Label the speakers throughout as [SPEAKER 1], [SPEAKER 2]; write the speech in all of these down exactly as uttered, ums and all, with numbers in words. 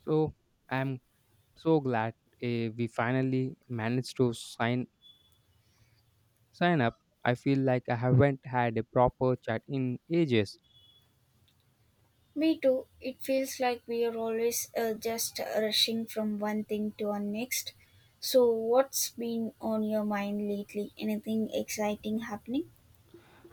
[SPEAKER 1] So I'm so glad eh, we finally managed to sign sign up. I feel like I haven't had a proper chat in ages.
[SPEAKER 2] Me too. It feels like we are always uh, just rushing from one thing to our next. So, what's been on your mind lately? Anything exciting happening?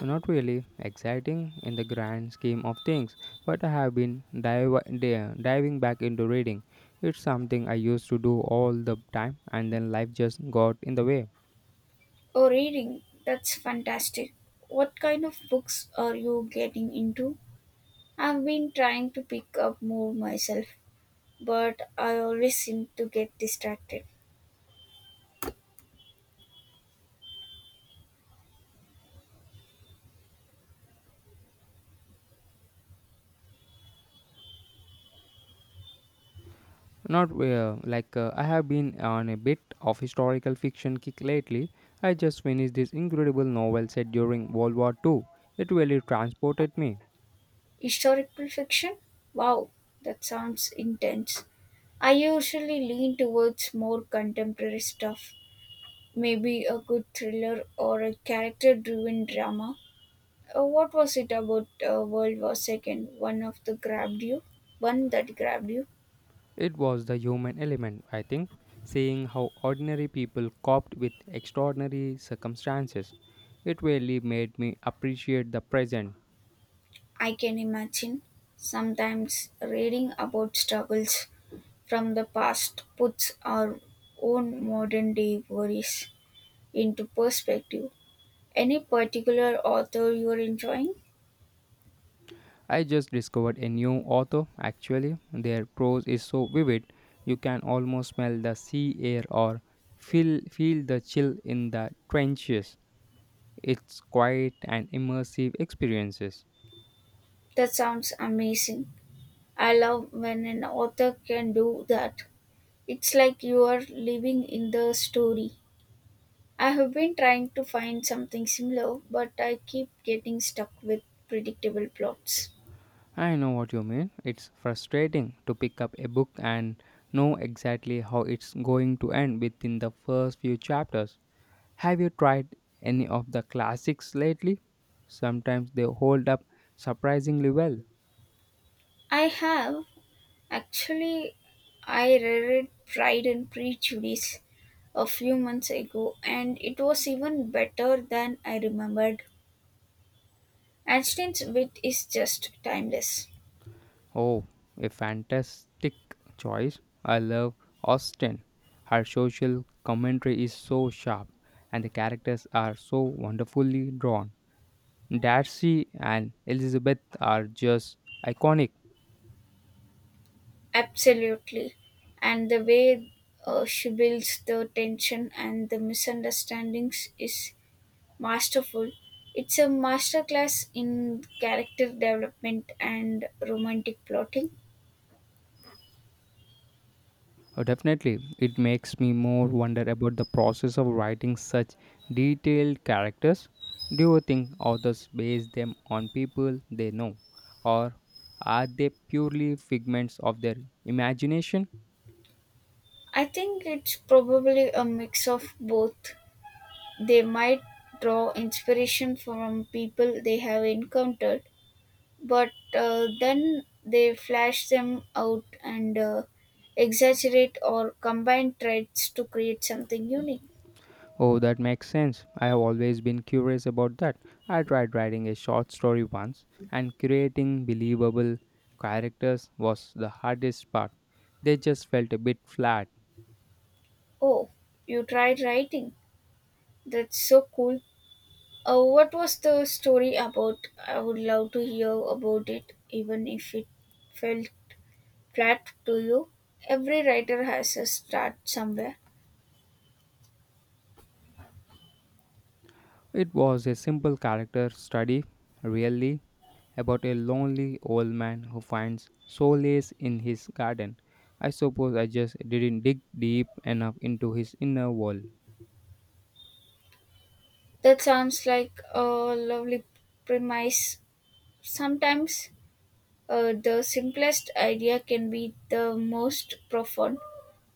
[SPEAKER 1] Not really exciting in the grand scheme of things, but I have been dive, di- diving back into reading. It's something I used to do all the time, and then life just got in the way.
[SPEAKER 2] Oh, reading. That's fantastic. What kind of books are you getting into? I've been trying to pick up more myself, but I always seem to get distracted.
[SPEAKER 1] Not uh, like uh, I have been on a bit of historical fiction kick lately. I just finished this incredible novel set during World War two. It really transported me.
[SPEAKER 2] Historical fiction? Wow, that sounds intense. I usually lean towards more contemporary stuff. Maybe a good thriller or a character driven drama. Uh, what was it about uh, World War Second? One of the grabbed you? One that grabbed you?
[SPEAKER 1] It was the human element, I think, seeing how ordinary people coped with extraordinary circumstances. It really made me appreciate the present.
[SPEAKER 2] I can imagine. Sometimes reading about struggles from the past puts our own modern day worries into perspective. Any particular author you are enjoying?
[SPEAKER 1] I just discovered a new author, actually. Their prose is so vivid, you can almost smell the sea air or feel, feel the chill in the trenches. It's quite an immersive experiences.
[SPEAKER 2] That sounds amazing. I love when an author can do that. It's like you are living in the story. I have been trying to find something similar, but I keep getting stuck with predictable plots.
[SPEAKER 1] I know what you mean. It's frustrating to pick up a book and know exactly how it's going to end within the first few chapters. Have you tried any of the classics lately? Sometimes they hold up surprisingly well.
[SPEAKER 2] I have actually I reread Pride and Prejudice a few months ago and it was even better than I remembered. Einstein's wit is just timeless.
[SPEAKER 1] Oh, a fantastic choice. I love Austen. Her social commentary is so sharp, and the characters are so wonderfully drawn. Darcy and Elizabeth are just iconic.
[SPEAKER 2] Absolutely. And the way uh, she builds the tension and the misunderstandings is Masterful. It's a masterclass in character development and romantic plotting.
[SPEAKER 1] Uh, Definitely, it makes me more wonder about the process of writing such detailed characters. Do you think authors base them on people they know, or are they purely figments of their imagination?
[SPEAKER 2] I think it's probably a mix of both. They might draw inspiration from people they have encountered, but uh, then they flash them out and uh, exaggerate or combine traits to create something unique.
[SPEAKER 1] Oh, that makes sense. I have always been curious about that. I tried writing a short story once, and creating believable characters was the hardest part. They just felt a bit flat.
[SPEAKER 2] Oh, you tried writing? That's so cool. Uh, what was the story about? I would love to hear about it, even if it felt flat to you. Every writer has a start somewhere.
[SPEAKER 1] It was a simple character study, really, about a lonely old man who finds solace in his garden. I suppose I just didn't dig deep enough into his inner world.
[SPEAKER 2] That sounds like a lovely premise. Sometimes uh, the simplest idea can be the most profound.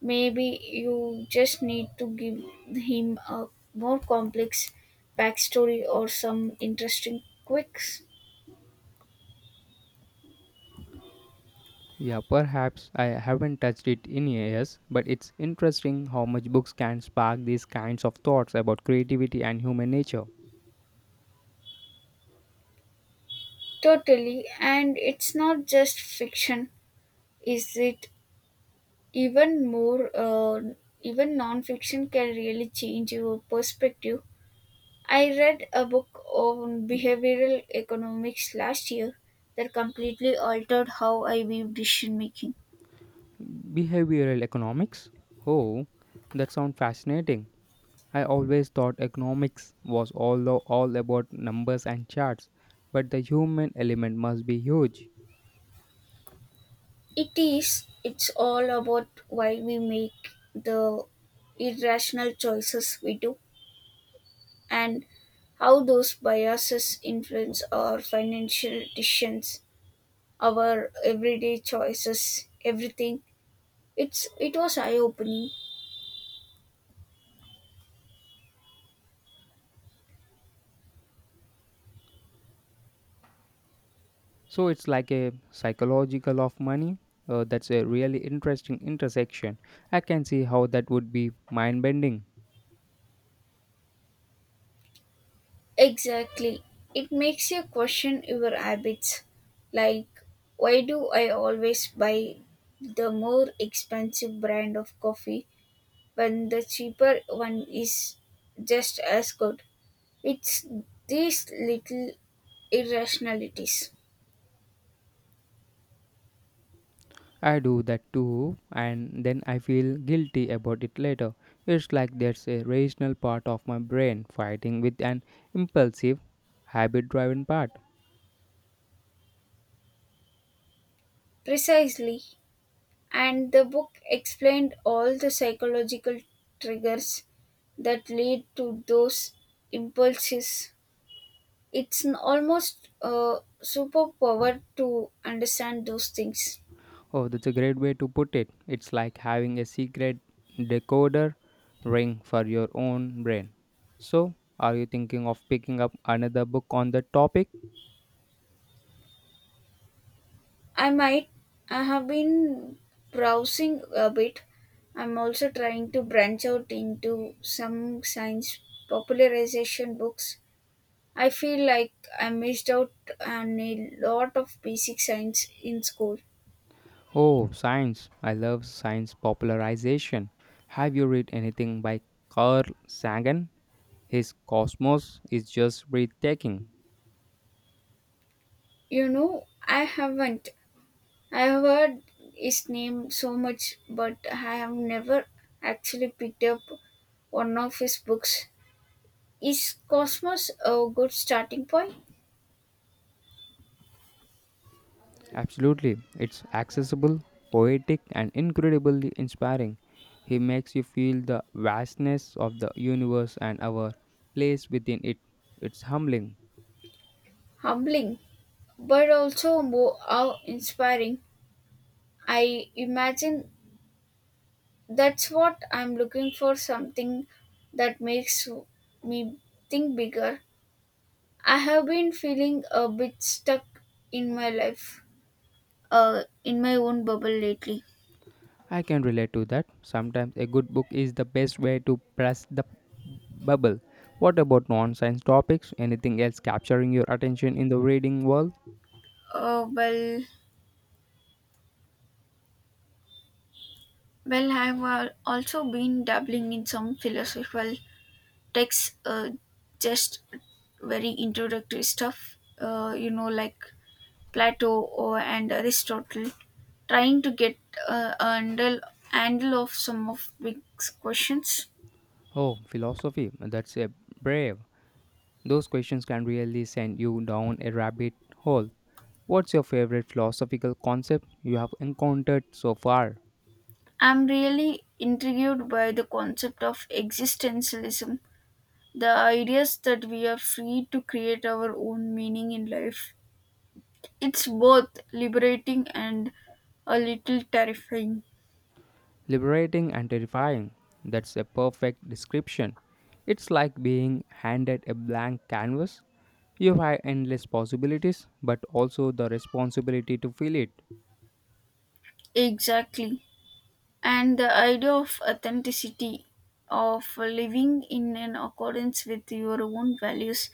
[SPEAKER 2] Maybe you just need to give him a more complex backstory or some interesting quirks.
[SPEAKER 1] Yeah, perhaps I haven't touched it in years, but it's interesting how much books can spark these kinds of thoughts about creativity and human nature.
[SPEAKER 2] Totally, and it's not just fiction, is it? Even more, uh, even non-fiction can really change your perspective. I read a book on behavioral economics last year that completely altered how I view decision making.
[SPEAKER 1] Behavioral economics? Oh, that sounds fascinating. I always thought economics was all, all about numbers and charts, but the human element must be huge.
[SPEAKER 2] It is, it's all about why we make the irrational choices we do and how those biases influence our financial decisions our everyday choices, everything. It's it was eye opening.
[SPEAKER 1] So it's like a psychological of money. Uh, that's a really interesting intersection. I can see how that would be mind bending.
[SPEAKER 2] Exactly. It makes you question your habits. Like why do I always buy the more expensive brand of coffee when the cheaper one is just as good? It's these little irrationalities.
[SPEAKER 1] I do that too, and then I feel guilty about it later. It's like there's a rational part of my brain fighting with an impulsive, habit driven part.
[SPEAKER 2] Precisely. And the book explained all the psychological triggers that lead to those impulses. It's an almost a superpower to understand those things.
[SPEAKER 1] Oh, that's a great way to put it. It's like having a secret decoder ring for your own brain. So, are you thinking of picking up another book on the topic?
[SPEAKER 2] I might, I have been browsing a bit. I'm also trying to branch out into some science popularization books. I feel like I missed out on a lot of basic science in school.
[SPEAKER 1] Oh, science. I love science popularization. Have you read anything by Carl Sagan? His cosmos is just breathtaking.
[SPEAKER 2] You know, I haven't. I have heard his name so much, but I have never actually picked up one of his books. Is Cosmos a good starting point?
[SPEAKER 1] Absolutely. It's accessible, poetic, and incredibly inspiring. He makes you feel the vastness of the universe and our place within it. It's humbling.
[SPEAKER 2] Humbling, but also more awe inspiring. I imagine that's what I'm looking for something that makes me think bigger. I have been feeling a bit stuck in my life, uh, in my own bubble lately.
[SPEAKER 1] I can relate to that. Sometimes a good book is the best way to press the bubble. What about non science topics? Anything else capturing your attention in the reading world?
[SPEAKER 2] Uh, well, Well, I've al- also been dabbling in some philosophical texts, uh, just very introductory stuff, uh, you know, like Plato or, and Aristotle, trying to get uh, a handle, handle of some of big questions.
[SPEAKER 1] Oh, philosophy. That's a brave. Those questions can really send you down a rabbit hole. What's your favorite philosophical concept you have encountered so far?
[SPEAKER 2] I'm really intrigued by the concept of existentialism, the ideas that we are free to create our own meaning in life. It's both liberating and a little terrifying.
[SPEAKER 1] Liberating and terrifying. That's a perfect description. It's like being handed a blank canvas. You have endless possibilities, but also the responsibility to fill it.
[SPEAKER 2] Exactly. And the idea of authenticity, of living in an accordance with your own values,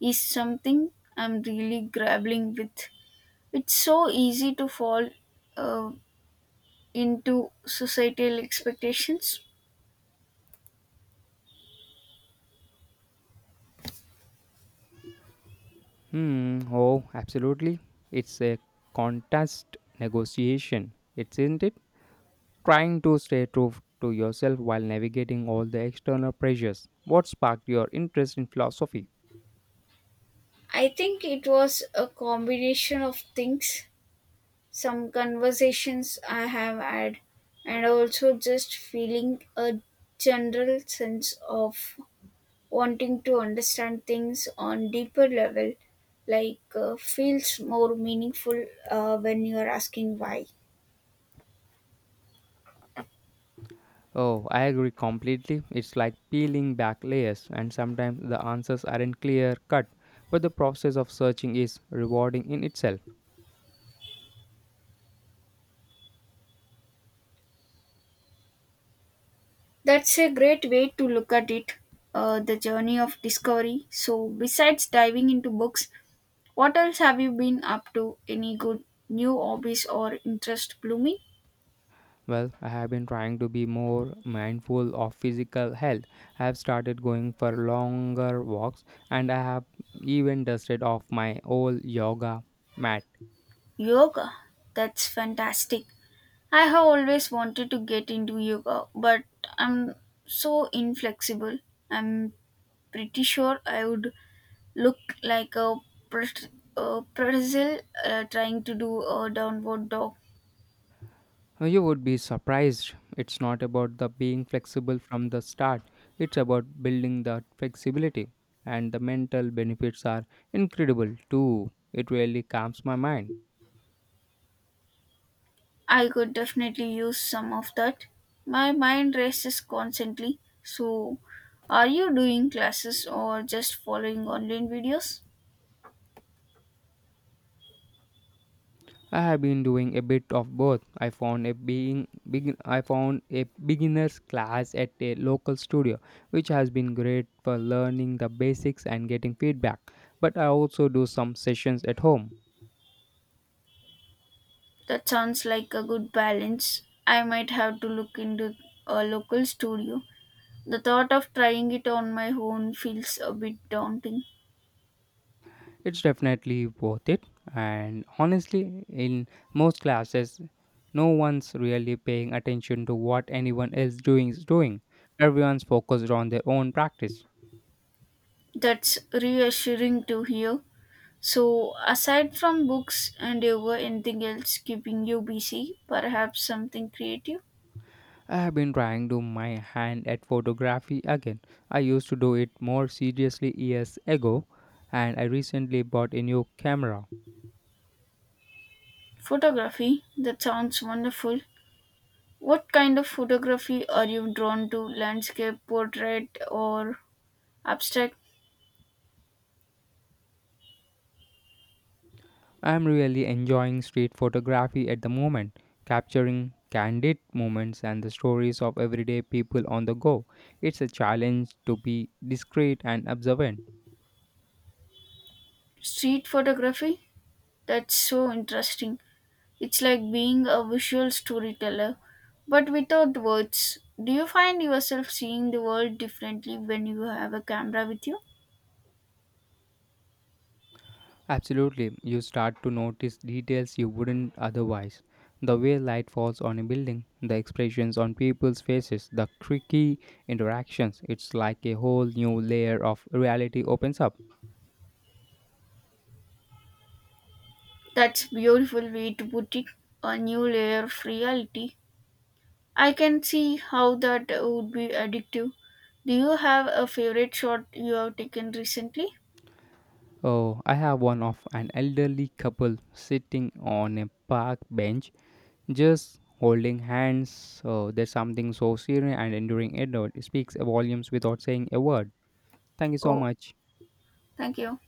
[SPEAKER 2] is something I'm really grappling with. It's so easy to fall uh, into societal expectations.
[SPEAKER 1] Hmm, oh, absolutely. It's a contest negotiation, isn't it? Trying to stay true to yourself while navigating all the external pressures. What sparked your interest in philosophy?
[SPEAKER 2] I think it was a combination of things. Some conversations I have had, and also just feeling a general sense of wanting to understand things on deeper level like uh, feels more meaningful uh, when you are asking why.
[SPEAKER 1] Oh, I agree completely. It's like peeling back layers, and sometimes the answers aren't clear cut, but the process of searching is rewarding in itself.
[SPEAKER 2] That's a great way to look at it, uh, the journey of discovery. So besides diving into books, what else have you been up to? Any good new hobbies or interest blooming?
[SPEAKER 1] Well, I have been trying to be more mindful of physical health. I have started going for longer walks, and I have even dusted off my old yoga mat.
[SPEAKER 2] Yoga, that's fantastic. I have always wanted to get into yoga, but I'm so inflexible. I'm pretty sure I would look like a, pret- a pretzel uh, trying to do a downward dog.
[SPEAKER 1] Uh, You would be surprised. It's not about the being flexible from the start. It's about building that flexibility. And the mental benefits are incredible too. It really calms my mind.
[SPEAKER 2] I could definitely use some of that. My mind races constantly. So, are you doing classes or just following online videos?
[SPEAKER 1] I have been doing a bit of both. I found a being begin, I found a beginners class at a local studio, which has been great for learning the basics and getting feedback. But I also do some sessions at home.
[SPEAKER 2] That sounds like a good balance. I might have to look into a local studio. The thought of trying it on my own feels a bit daunting.
[SPEAKER 1] It's definitely worth it, and honestly, in most classes, no one's really paying attention to what anyone else doing is doing. Everyone's focused on their own practice.
[SPEAKER 2] That's reassuring to hear. So, aside from books and yoga, anything else keeping you busy? Perhaps something creative?
[SPEAKER 1] I have been trying to my hand at photography again. I used to do it more seriously years ago, and I recently bought a new camera.
[SPEAKER 2] Photography? That sounds wonderful. What kind of photography are you drawn to? Landscape, portrait, or abstract?
[SPEAKER 1] I'm really enjoying street photography at the moment, capturing candid moments and the stories of everyday people on the go. It's a challenge to be discreet and observant.
[SPEAKER 2] Street photography? That's so interesting. It's like being a visual storyteller, but without words. Do you find yourself seeing the world differently when you have a camera with you?
[SPEAKER 1] Absolutely, you start to notice details you wouldn't otherwise. The way light falls on a building, the expressions on people's faces, the tricky interactions, it's like a whole new layer of reality opens up.
[SPEAKER 2] That's beautiful way to put it. A new layer of reality. I can see how that would be addictive. Do you have a favorite shot you have taken recently?
[SPEAKER 1] Oh, I have one of an elderly couple sitting on a park bench just holding hands. Uh, there's something so serene and enduring. It uh, speaks volumes without saying a word. Thank you so
[SPEAKER 2] Oh,
[SPEAKER 1] much.
[SPEAKER 2] thank you.